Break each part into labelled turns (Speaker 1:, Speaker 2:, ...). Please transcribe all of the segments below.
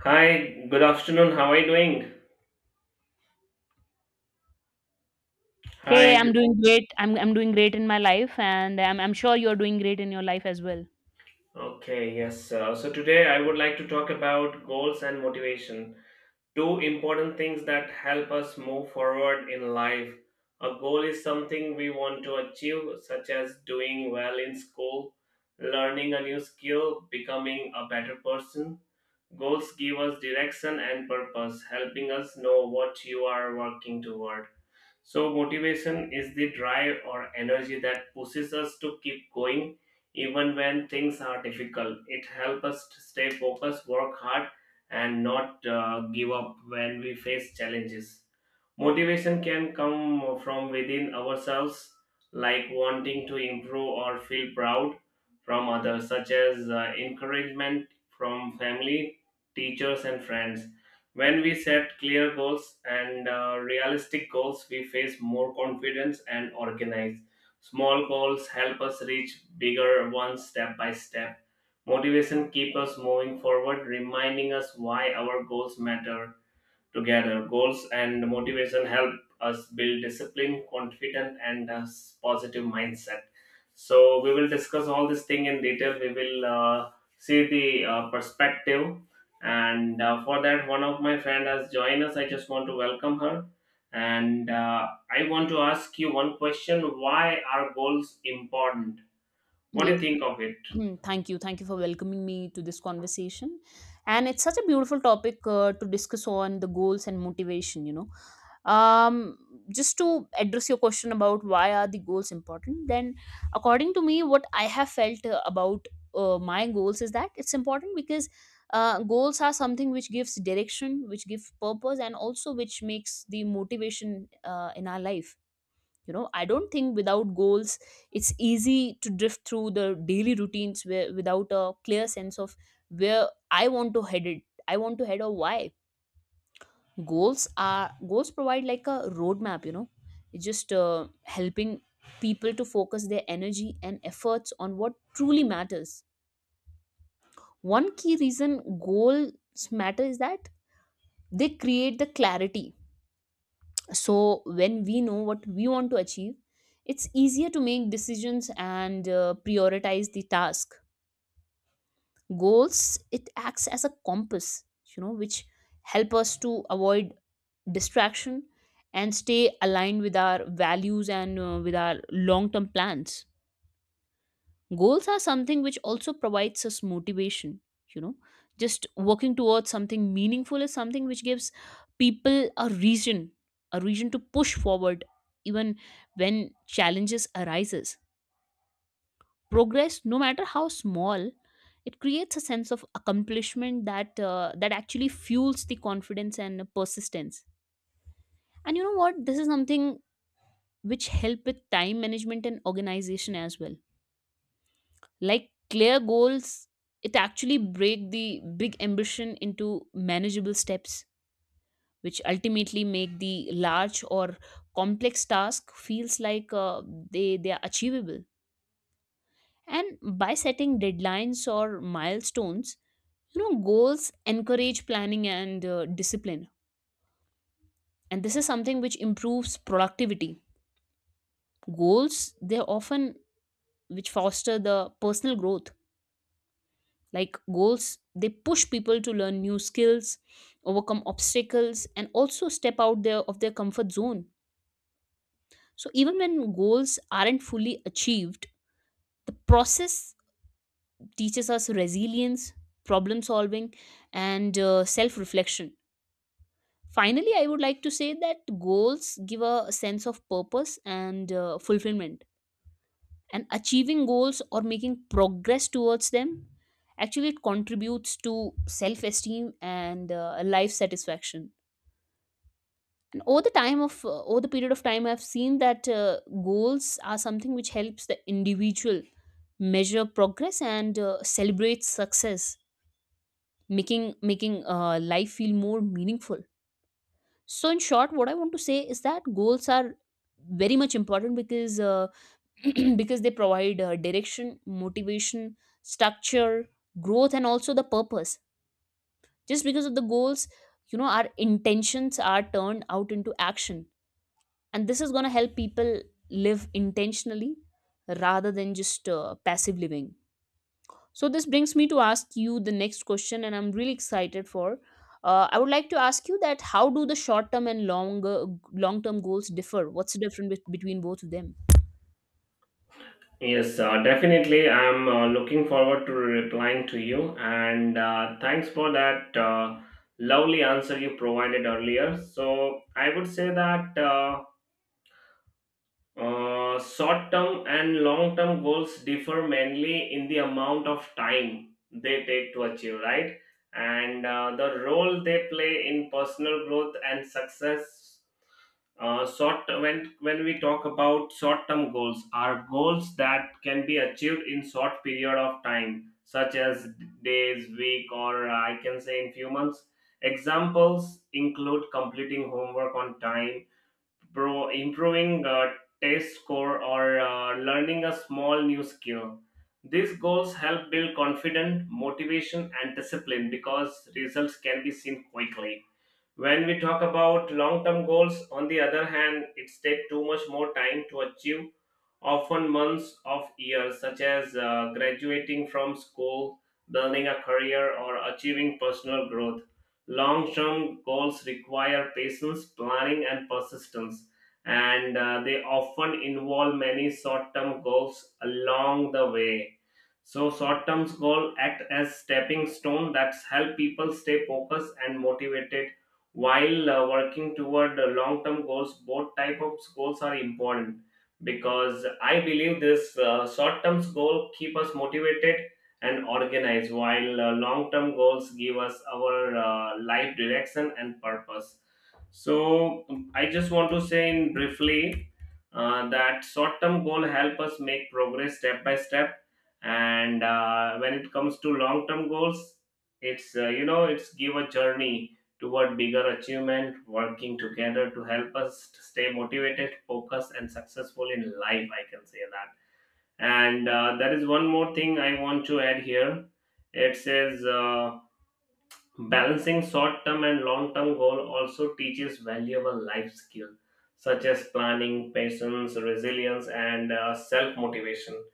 Speaker 1: Hi, good afternoon. How are you doing?
Speaker 2: Hey,
Speaker 1: Hi.
Speaker 2: I'm
Speaker 1: good-
Speaker 2: doing great. I'm doing great in my life, and I'm sure you're doing great in your life as well.
Speaker 1: Okay, yes. So today I would like to talk about goals and motivation. Two important things that help us move forward in life. A goal is something we want to achieve, such as doing well in school, learning a new skill, becoming a better person. Goals give us direction and purpose, helping us know what you are working toward. So, motivation is the drive or energy that pushes us to keep going even when things are difficult. It helps us to stay focused, work hard, and not give up when we face challenges. Motivation can come from within ourselves, like wanting to improve or feel proud from others, such as encouragement from family, teachers, and friends. When we set clear goals and realistic goals, we face more confidence and organize. Small goals help us reach bigger ones step by step. Motivation keeps us moving forward, reminding us why our goals matter. Together, goals and motivation help us build discipline, confidence, and a positive mindset. So we will discuss all this thing in detail. We will see the perspective, and for that, one of my friend has joined us. I just want to welcome her, and I want to ask you one question: why are goals important? What do
Speaker 2: Yes.
Speaker 1: you think of it?
Speaker 2: Hmm, thank you. Thank you for welcoming me to this conversation. And it's such a beautiful topic to discuss on the goals and motivation. Um, just to address your question about why are the goals important, then according to me, what I have felt about my goals is that it's important because goals are something which gives direction, which gives purpose, and also which makes the motivation in our life. I don't think without goals it's easy to drift through the daily routines where, without a clear sense of where I want to head it I want to head, or why. Goals provide like a roadmap. It's just helping people to focus their energy and efforts on what truly matters. One key reason goals matter is that they create the clarity. So when we know what we want to achieve, it's easier to make decisions and prioritize the task. Goals, it acts as a compass, you know, which help us to avoid distraction and stay aligned with our values and with our long term plans. Goals are something which also provides us motivation, you know. Just working towards something meaningful is something which gives people a reason to push forward even when challenges arises. Progress, no matter how small, it creates a sense of accomplishment that that actually fuels the confidence and persistence. And you know what? This is something which help with time management and organization as well. Like clear goals, it actually break the big ambition into manageable steps, which ultimately make the large or complex task feels like they are achievable. And by setting deadlines or milestones, you know, goals encourage planning and discipline. And this is something which improves productivity. Goals, they often which foster the personal growth. Like goals, they push people to learn new skills, overcome obstacles, and also step out there of their comfort zone. So even when goals aren't fully achieved, the process teaches us resilience, problem solving, and self reflection. Finally, I would like to say that goals give a sense of purpose and fulfillment, and achieving goals or making progress towards them, actually it contributes to self-esteem and a life satisfaction. And over the time of over the period of time, I've seen that goals are something which helps the individual measure progress and celebrate success, making life feel more meaningful. So in short, what I want to say is that goals are very much important because because they provide direction, motivation, structure, growth, and also the purpose. Just because of the goals, you know, our intentions are turned out into action. And this is going to help people live intentionally rather than just passive living. So, this brings me to ask you the next question, and I'm really excited for. I would like to ask you that how do the short term and long term goals differ? What's the difference between both of them?
Speaker 1: Yes, definitely. I'm looking forward to replying to you. And thanks for that lovely answer you provided earlier. So, I would say that short term and long term goals differ mainly in the amount of time they take to achieve, right? And the role they play in personal growth and success. Short When we talk about short term goals, are goals that can be achieved in short period of time, such as days, week, or I can say in few months. Examples include completing homework on time, improving test score, or learning a small new skill. These goals help build confidence, motivation, and discipline because results can be seen quickly. When we talk about long term goals, on the other hand, it takes too much more time to achieve, often months of years, such as graduating from school, building a career, or achieving personal growth. Long term goals require patience, planning, and persistence, and they often involve many short term goals along the way. So, short term goals act as stepping stone that help people stay focused and motivated while working toward long-term goals. Both type of goals are important because I believe this short-term goal keep us motivated and organized, while long-term goals give us our life direction and purpose. So I just want to say in briefly that short-term goal help us make progress step by step, and when it comes to long-term goals, it's it's give a journey toward bigger achievement, working together to help us to stay motivated, focused, and successful in life, I can say that. And there is one more thing I want to add here. It says balancing short-term and long-term goal also teaches valuable life skills such as planning, patience, resilience, and self-motivation.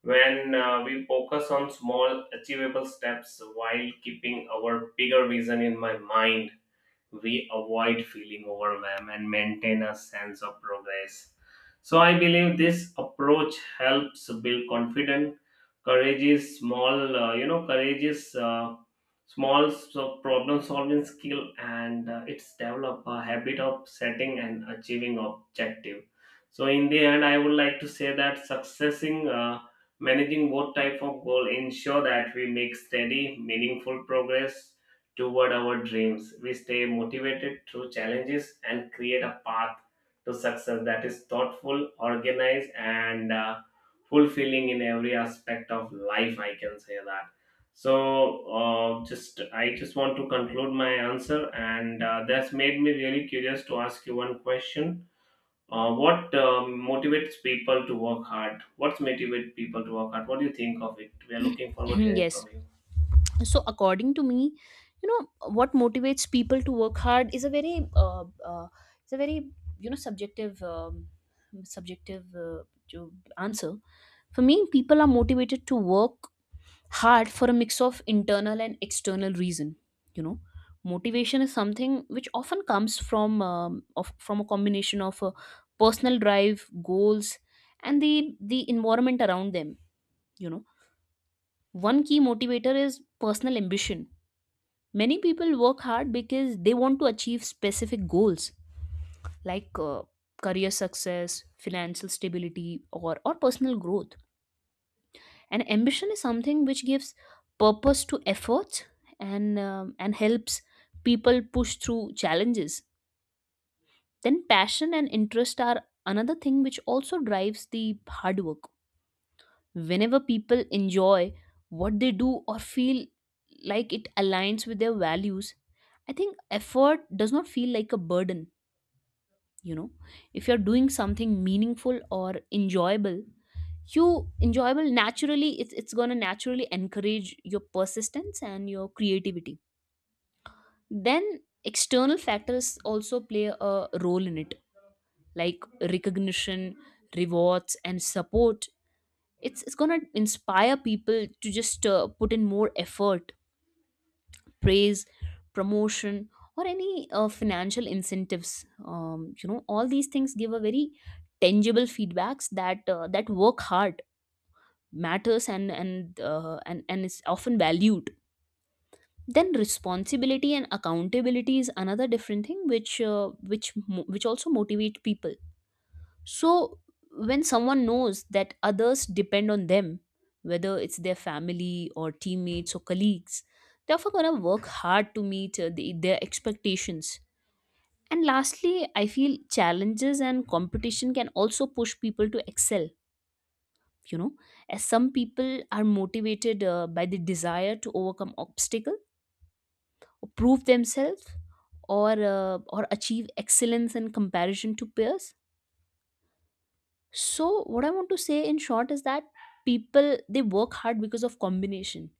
Speaker 1: When we focus on small, achievable steps while keeping our bigger vision in my mind, we avoid feeling overwhelmed and maintain a sense of progress. So I believe this approach helps build confidence, courageous small, courageous small so problem solving skill, and it's develop a habit of setting and achieving objective. So in the end, I would like to say that successing. Managing both type of goal ensure that we make steady meaningful progress toward our dreams. We stay motivated through challenges and create a path to success that is thoughtful, organized, and fulfilling in every aspect of life. I can say that. So, just I just want to conclude my answer, and that's made me really curious to ask you one question. What motivates people to work hard? What's motivate people to work hard? What do you think of it? We are looking forward to hearing
Speaker 2: Yes,
Speaker 1: from you.
Speaker 2: so according to me, you know, what motivates people to work hard is a very uh, uh, it's a very, you know, subjective, subjective to answer. For me, people are motivated to work hard for a mix of internal and external reason, you know. Motivation is something which often comes from from a combination of personal drive, goals, and the environment around them, you know. One key motivator is personal ambition. Many people work hard because they want to achieve specific goals like career success, financial stability, or personal growth. And ambition is something which gives purpose to efforts and helps people push through challenges. Then, passion and interest are another thing which also drives the hard work. Whenever people enjoy what they do or feel like it aligns with their values, I think effort does not feel like a burden. You know, if you're doing something meaningful or enjoyable, you enjoyable naturally it's going to naturally encourage your persistence and your creativity. Then external factors also play a role in it, like recognition, rewards, and support. It's gonna inspire people to just put in more effort. Praise, promotion, or any financial incentives, you know, all these things give a very tangible feedbacks that that work hard matters and is often valued. Then responsibility and accountability is another different thing which which also motivate people. So, when someone knows that others depend on them, whether it's their family or teammates or colleagues, they're often going to work hard to meet their expectations. And lastly, I feel challenges and competition can also push people to excel, you know, as some people are motivated by the desire to overcome obstacle or prove themselves or achieve excellence in comparison to peers. So what I want to say in short is that people, they work hard because of combination,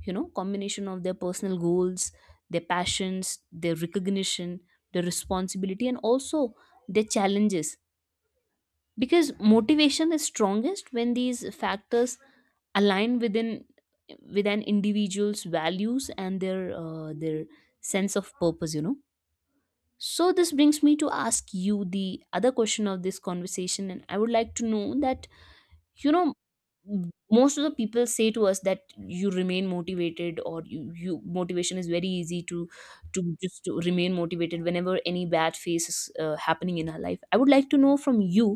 Speaker 2: you know, combination of their personal goals, their passions, their recognition, their responsibility, and also their challenges. Because motivation is strongest when these factors align within with an individual's values and their sense of purpose, you know. So this brings me to ask you the other question of this conversation, and I would like to know that, you know, m- most of the people say to us that you remain motivated, or you motivation is very easy to just to remain motivated whenever any bad phase is happening in our life. I would like to know from you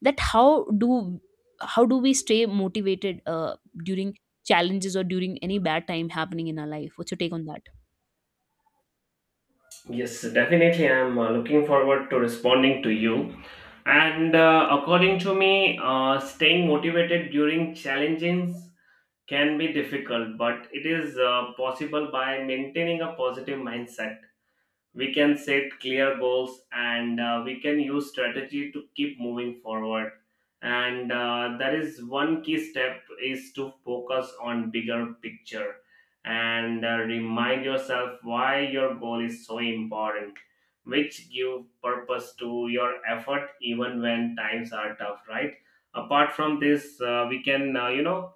Speaker 2: that how do we stay motivated during challenges or during any bad time happening in our life. What's your take on that?
Speaker 1: Yes, definitely. I'm looking forward to responding to you. And according to me, staying motivated during challenges can be difficult, but it is possible by maintaining a positive mindset. We can set clear goals, and we can use strategy to keep moving forward. And that is, one key step is to focus on bigger picture and remind yourself why your goal is so important, which give purpose to your effort even when times are tough, right? Apart from this, we can,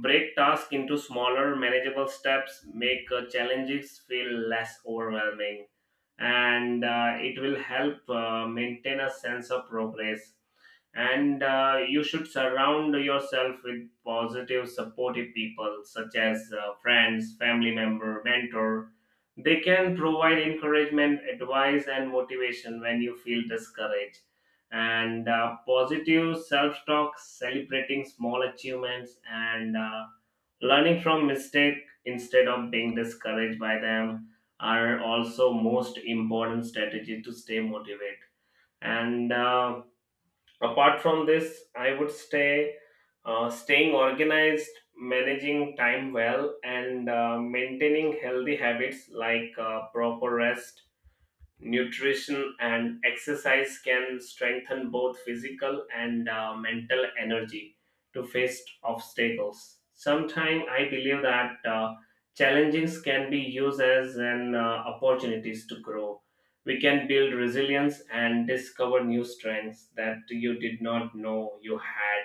Speaker 1: break tasks into smaller manageable steps, make challenges feel less overwhelming, and it will help maintain a sense of progress. And you should surround yourself with positive supportive people, such as friends, family member, mentor. They can provide encouragement, advice, and motivation when you feel discouraged. And positive self-talk, celebrating small achievements, and learning from mistake instead of being discouraged by them are also most important strategy to stay motivated. And apart from this, I would stay, staying organized, managing time well, and maintaining healthy habits like proper rest, nutrition, and exercise can strengthen both physical and mental energy to face obstacles. Sometimes I believe that challenges can be used as an opportunities to grow. We can build resilience and discover new strengths that you did not know you had.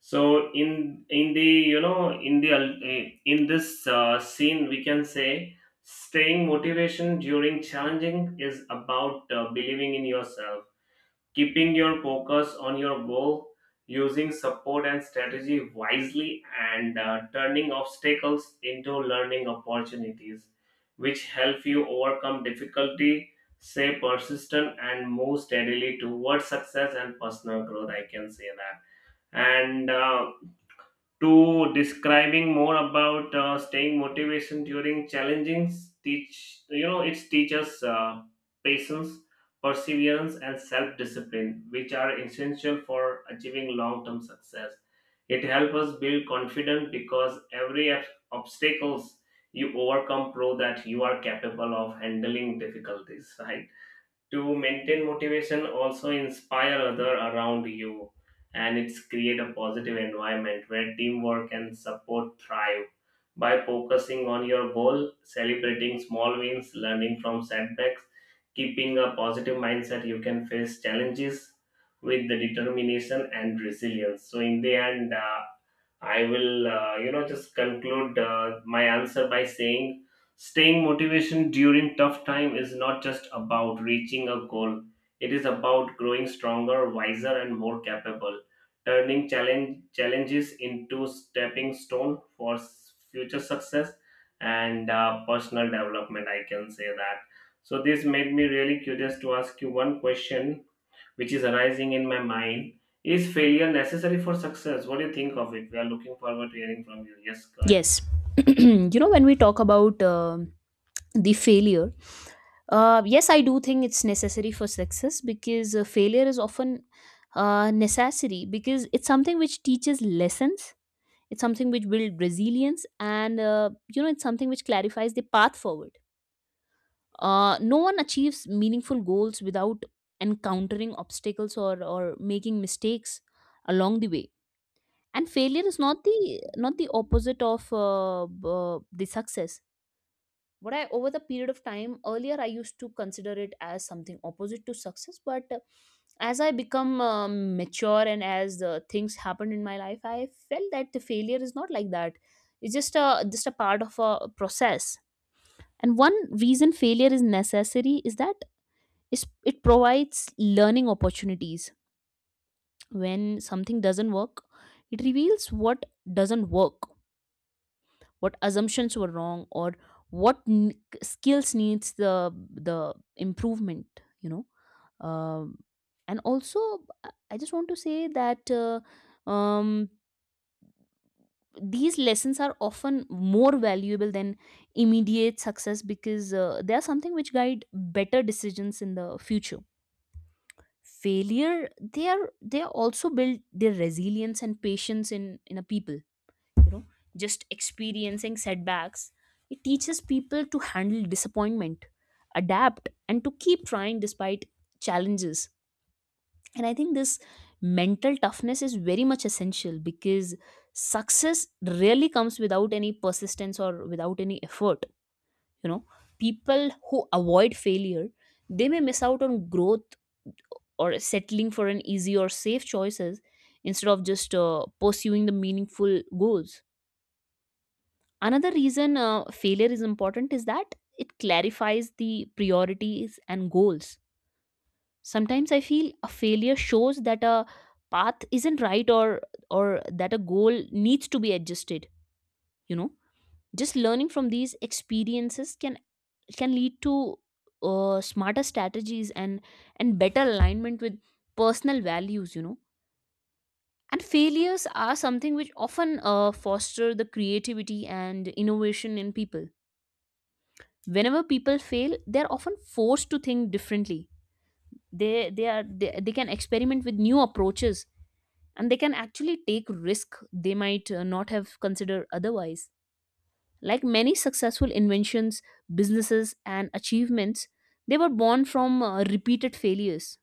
Speaker 1: So in the you know in the ul- eh, in this scene, we can say staying motivation during challenging is about believing in yourself, keeping your focus on your goal, using support and strategy wisely, and turning obstacles into learning opportunities, which help you overcome difficulty, stay persistent, and move steadily towards success and personal growth, I can say that. And to describing more about staying motivation during challenging teach, you know, it teaches patience, perseverance, and self-discipline, which are essential for achieving long-term success. It helps us build confidence because every obstacles you overcome prove that you are capable of handling difficulties, right? To maintain motivation also inspire other around you, and it's create a positive environment where teamwork and support thrive. By focusing on your goal, celebrating small wins, learning from setbacks, keeping a positive mindset, you can face challenges with the determination and resilience. So in the end, I will, just conclude my answer by saying staying motivation during tough time is not just about reaching a goal. It is about growing stronger, wiser, and more capable, turning challenges into stepping stone for future success and personal development. I can say that. So this made me really curious to ask you one question which is arising in my mind. Is failure necessary for success? What do you think of it? We are looking forward to hearing from you. Yes, go ahead.
Speaker 2: Yes. You know, when we talk about the failure, uh, yes, I do think it's necessary for success because failure is often necessary because it's something which teaches lessons. It's something which builds resilience, and you know, it's something which clarifies the path forward. No one achieves meaningful goals without encountering obstacles or making mistakes along the way. And failure is not the opposite of the success. But I, over the period of time, earlier I used to consider it as something opposite to success. But as I become mature and as things happened in my life, I felt that the failure is not like that. It's just a part of a process. And one reason failure is necessary is that it provides learning opportunities. When something doesn't work, it reveals what doesn't work, what assumptions were wrong, or skills needs the improvement, you know. um, and also, I just want to say that um, these lessons are often more valuable than immediate success, because they are something which guide better decisions in the future. Failure, they are they are also build their resilience and patience in a people, you know. Just experiencing setbacks, it teaches people to handle disappointment, adapt, and to keep trying despite challenges. And I think this mental toughness is very much essential because success really comes without any persistence or without any effort, you know. People who avoid failure, they may miss out on growth, or settling for an easy or safe choices instead of just pursuing the meaningful goals. Another reason failure is important is that it clarifies the priorities and goals. Sometimes I feel a failure shows that a path isn't right, or that a goal needs to be adjusted, you know. Just learning from these experiences can lead to smarter strategies and better alignment with personal values, you know. And failures are something which often foster the creativity and innovation in people. Whenever people fail, they're often forced to think differently. They can experiment with new approaches, and they can actually take risk they might not have considered otherwise. Like many successful inventions, businesses, and achievements, they were born from repeated failures.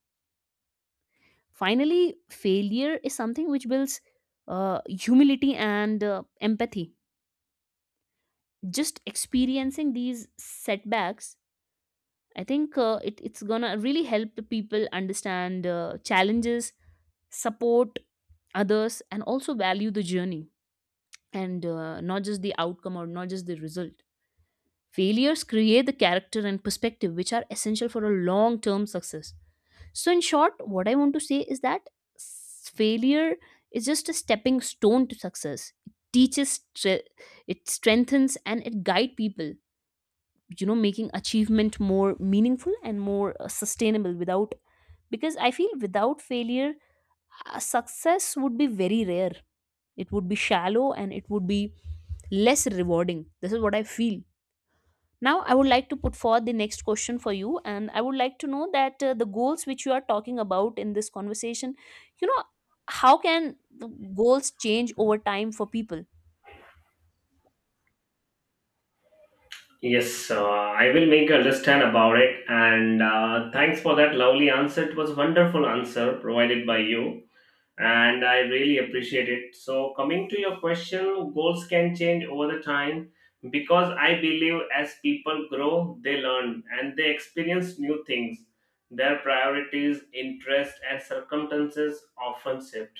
Speaker 2: Finally, failure is something which builds humility and empathy. Just experiencing these setbacks, I think it's gonna really help the people understand challenges, support others, and also value the journey, and not just the outcome or not just the result. Failures create the character and perspective which are essential for a long term success. So, in short, what I want to say is that failure is just a stepping stone to success. It teaches, it strengthens, and it guides people, making achievement more meaningful and more sustainable. Without because I feel without failure, success would be very rare. It would be shallow and it would be less rewarding. This is what I feel. Now I would like to put forward the next question for you, and I would like to know that, the goals which you are talking about in this conversation, you know how can the goals change over time for people?
Speaker 1: Yes, I will make you understand about it. And thanks for that lovely answer. It was a wonderful answer provided by you. And I really appreciate it. So, coming to your question, goals can change over the time because I believe as people grow, they learn and they experience new things. Their priorities, interests, and circumstances often shift.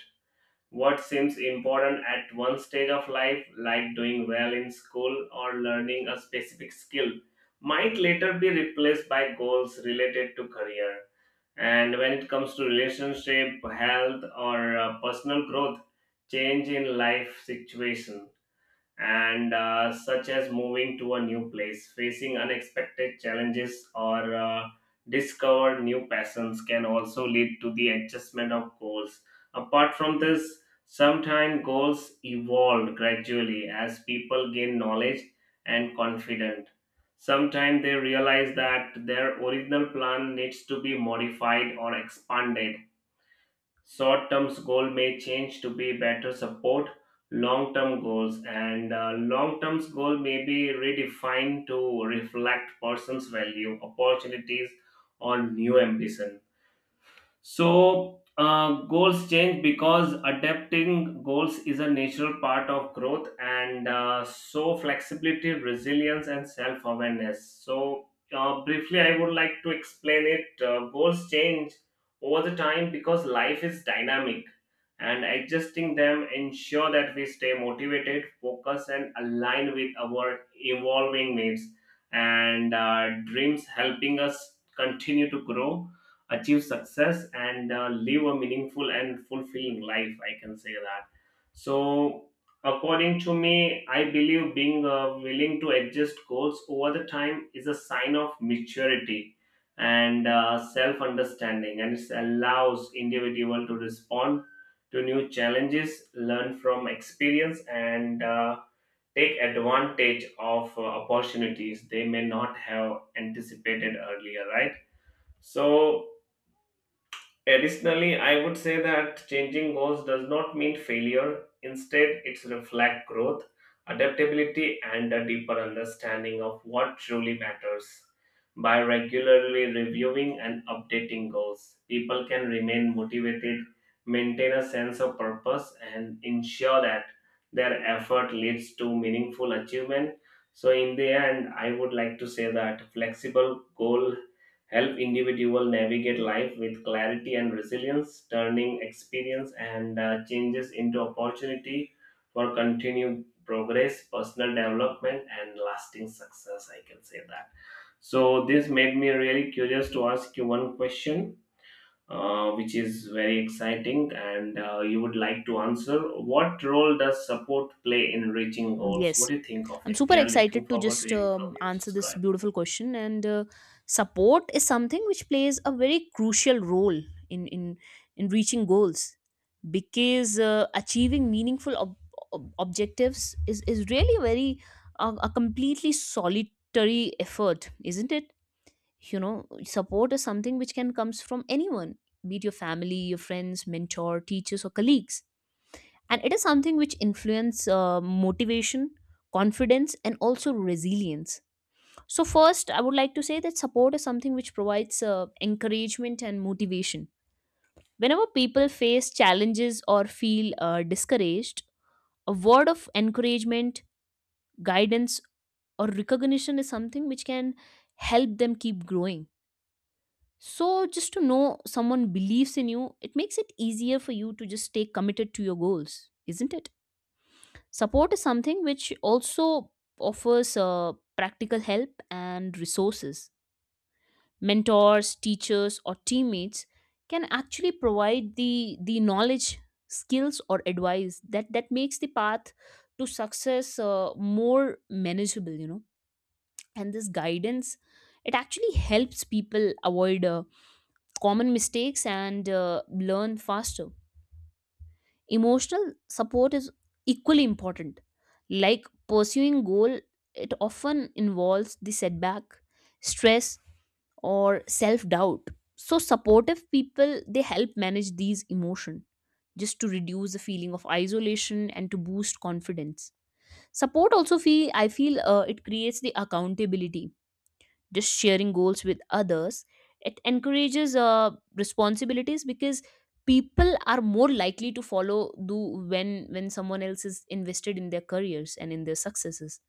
Speaker 1: What seems important at one stage of life, like doing well in school or learning a specific skill, might later be replaced by goals related to career. And when it comes to relationship, health, or personal growth, change in life situation and such as moving to a new place, facing unexpected challenges, or discover new passions can also lead to the adjustment of goals. Apart from this, sometimes goals evolve gradually as people gain knowledge and confidence. Sometimes they realize that their original plan needs to be modified or expanded. Short-term goal may change to be better support long-term goals, and long-term goal may be redefined to reflect person's value, opportunities, or new ambition. So, goals change because adapting goals is a natural part of growth, and so flexibility, resilience, and self awareness. So, briefly, I would like to explain it. Goals change over the time because life is dynamic, and adjusting them ensure that we stay motivated, focused, and aligned with our evolving needs and dreams, helping us continue to grow achieve success and live a meaningful and fulfilling life I can say that. So according to me I believe being willing to adjust goals over the time is a sign of maturity and self understanding, and it allows individual to respond to new challenges, learn from experience, and take advantage of opportunities they may not have anticipated earlier, right? So additionally, I would say that changing goals does not mean failure. Instead, it reflects growth, adaptability, and a deeper understanding of what truly matters. By regularly reviewing and updating goals, people can remain motivated, maintain a sense of purpose, and ensure that their effort leads to meaningful achievement. So, in the end, I would like to say that flexible goal help individual navigate life with clarity and resilience, turning experience and changes into opportunity for continued progress, personal development, and lasting success. I can say that. So this made me really curious to ask you one question, which is very exciting, and you would like to answer. What role does support play in reaching goals? What
Speaker 2: Yes,
Speaker 1: do you think of
Speaker 2: I'm
Speaker 1: it?
Speaker 2: super
Speaker 1: We are looking
Speaker 2: excited to
Speaker 1: forward to
Speaker 2: just
Speaker 1: hearing from you.
Speaker 2: answer
Speaker 1: Just go
Speaker 2: this
Speaker 1: ahead.
Speaker 2: beautiful question. And support is something which plays a very crucial role in in in reaching goals, because achieving meaningful objectives is really very a completely solitary effort, isn't it? You know, support is something which can comes from anyone, be it your family, your friends, mentor, teachers, or colleagues, and it is something which influence motivation, confidence, and also resilience. So first I would like to say that support is something which provides encouragement and motivation. Whenever people face challenges or feel discouraged, a word of encouragement, guidance, or recognition is something which can help them keep growing. So just to know someone believes in you, it makes it easier for you to just stay committed to your goals, isn't it? Support is something which also offers practical help and resources. Mentors, teachers, or teammates can actually provide the knowledge, skills, or advice that makes the path to success more manageable, you know. And this guidance, it actually helps people avoid common mistakes and learn faster. Emotional support is equally important. Like pursuing goal, it often involves the setback, stress, or self-doubt. So supportive people, they help manage these emotion just to reduce the feeling of isolation and to boost confidence. Support also feel I feel it creates the accountability. Just sharing goals with others, it encourages responsibilities, because people are more likely to follow do when someone else is invested in their careers and in their successes,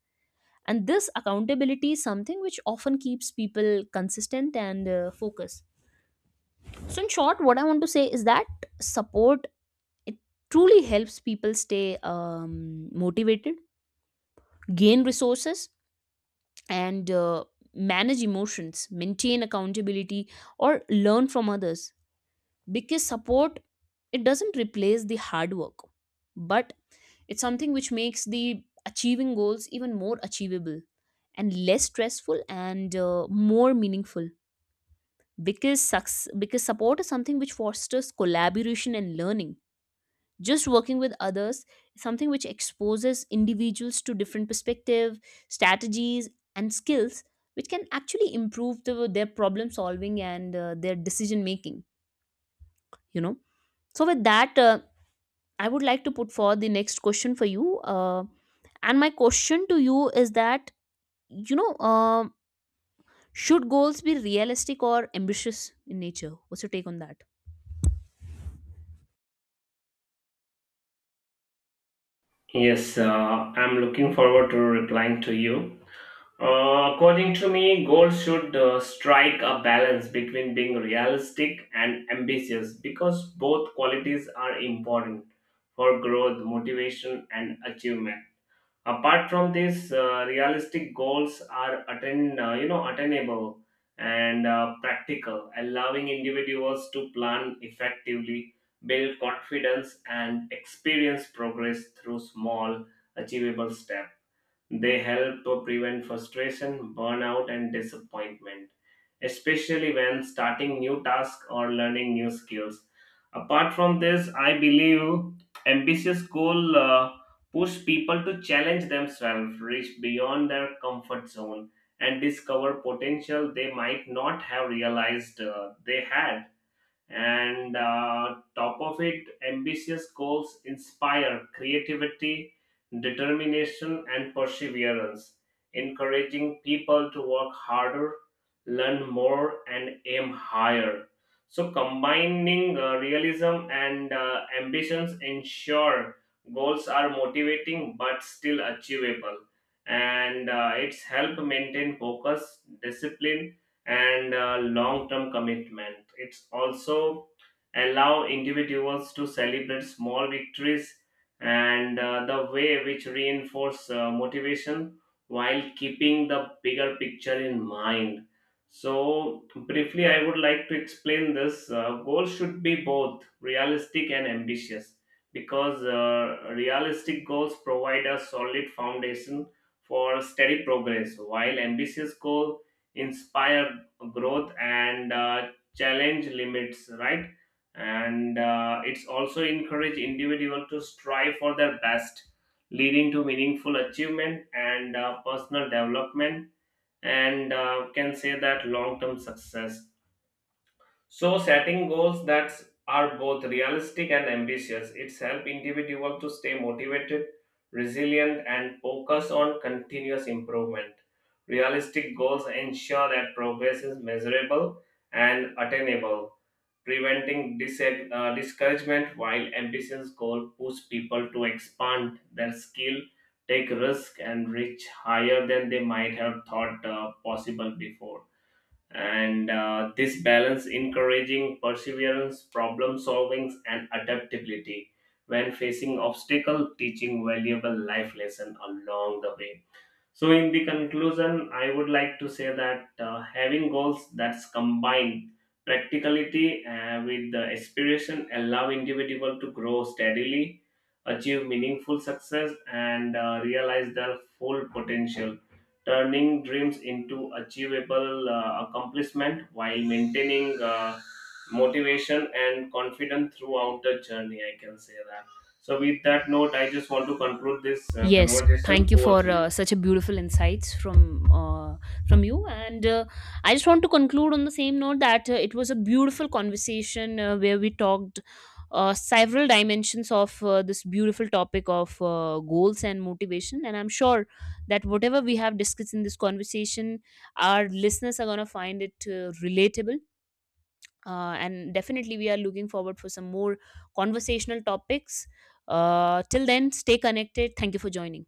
Speaker 2: and this accountability is something which often keeps people consistent and focused. So in short, what I want to say is that support, it truly helps people stay motivated, gain resources, and manage emotions, maintain accountability, or learn from others. Because support, it doesn't replace the hard work, but it's something which makes the achieving goals even more achievable and less stressful and more meaningful. Because support is something which fosters collaboration and learning. Just working with others is something which exposes individuals to different perspective, strategies, and skills, which can actually improve their problem solving and their decision making, you know. So with that, I would like to put forward the next question for you. And my question to you is that, you know, should goals be realistic or ambitious in nature? What's your take on that?
Speaker 1: Yes, I'm looking forward to replying to you. According to me, goals should strike a balance between being realistic and ambitious because both qualities are important for growth, motivation, and achievement. Apart from this realistic goals are attain you know, attainable and practical, allowing individuals to plan effectively, build confidence, and experience progress through small achievable steps. They help to prevent frustration, burnout, and disappointment, especially when starting new tasks or learning new skills. Apart from this, I believe ambitious goals push people to challenge themselves, reach beyond their comfort zone, and discover potential they might not have realized they had, and top of it, ambitious goals inspire creativity, determination, and perseverance, encouraging people to work harder, learn more, and aim higher. So combining realism and ambitions ensure goals are motivating but still achievable, and it's help maintain focus, discipline, and long-term commitment. It's also allow individuals to celebrate small victories and the way which reinforce motivation while keeping the bigger picture in mind. So briefly, I would like to explain this. Goals should be both realistic and ambitious because realistic goals provide a solid foundation for steady progress, while ambitious goals inspire growth and challenge limits, right? And it's also encourage individual to strive for their best, leading to meaningful achievement and personal development, and can say that long term success. So setting goals that are both realistic and ambitious, it's help individual to stay motivated, resilient, and focus on continuous improvement. Realistic goals ensure that progress is measurable and attainable, preventing discouragement, while ambitious goals push people to expand their skill, take risk, and reach higher than they might have thought possible before, and this balance encouraging perseverance, problem solving, and adaptability when facing obstacle, teaching valuable life lesson along the way. So, in the conclusion, I would like to say that having goals that's combine practicality with the aspiration allow individual to grow steadily, achieve meaningful success, and realize their full potential, turning dreams into achievable accomplishment while maintaining motivation and confidence throughout the journey. I can say that. So, with that note, I just want to conclude this
Speaker 2: Yes,
Speaker 1: conversation.
Speaker 2: thank you
Speaker 1: Over
Speaker 2: for
Speaker 1: to you.
Speaker 2: such a beautiful insights from you. And I just want to conclude on the same note that, it was a beautiful conversation where we talked several dimensions of this beautiful topic of goals and motivation. And I'm sure that whatever we have discussed in this conversation, our listeners are gonna find it relatable. And definitely, we are looking forward for some more conversational topics. Till then, stay connected. Thank you for joining.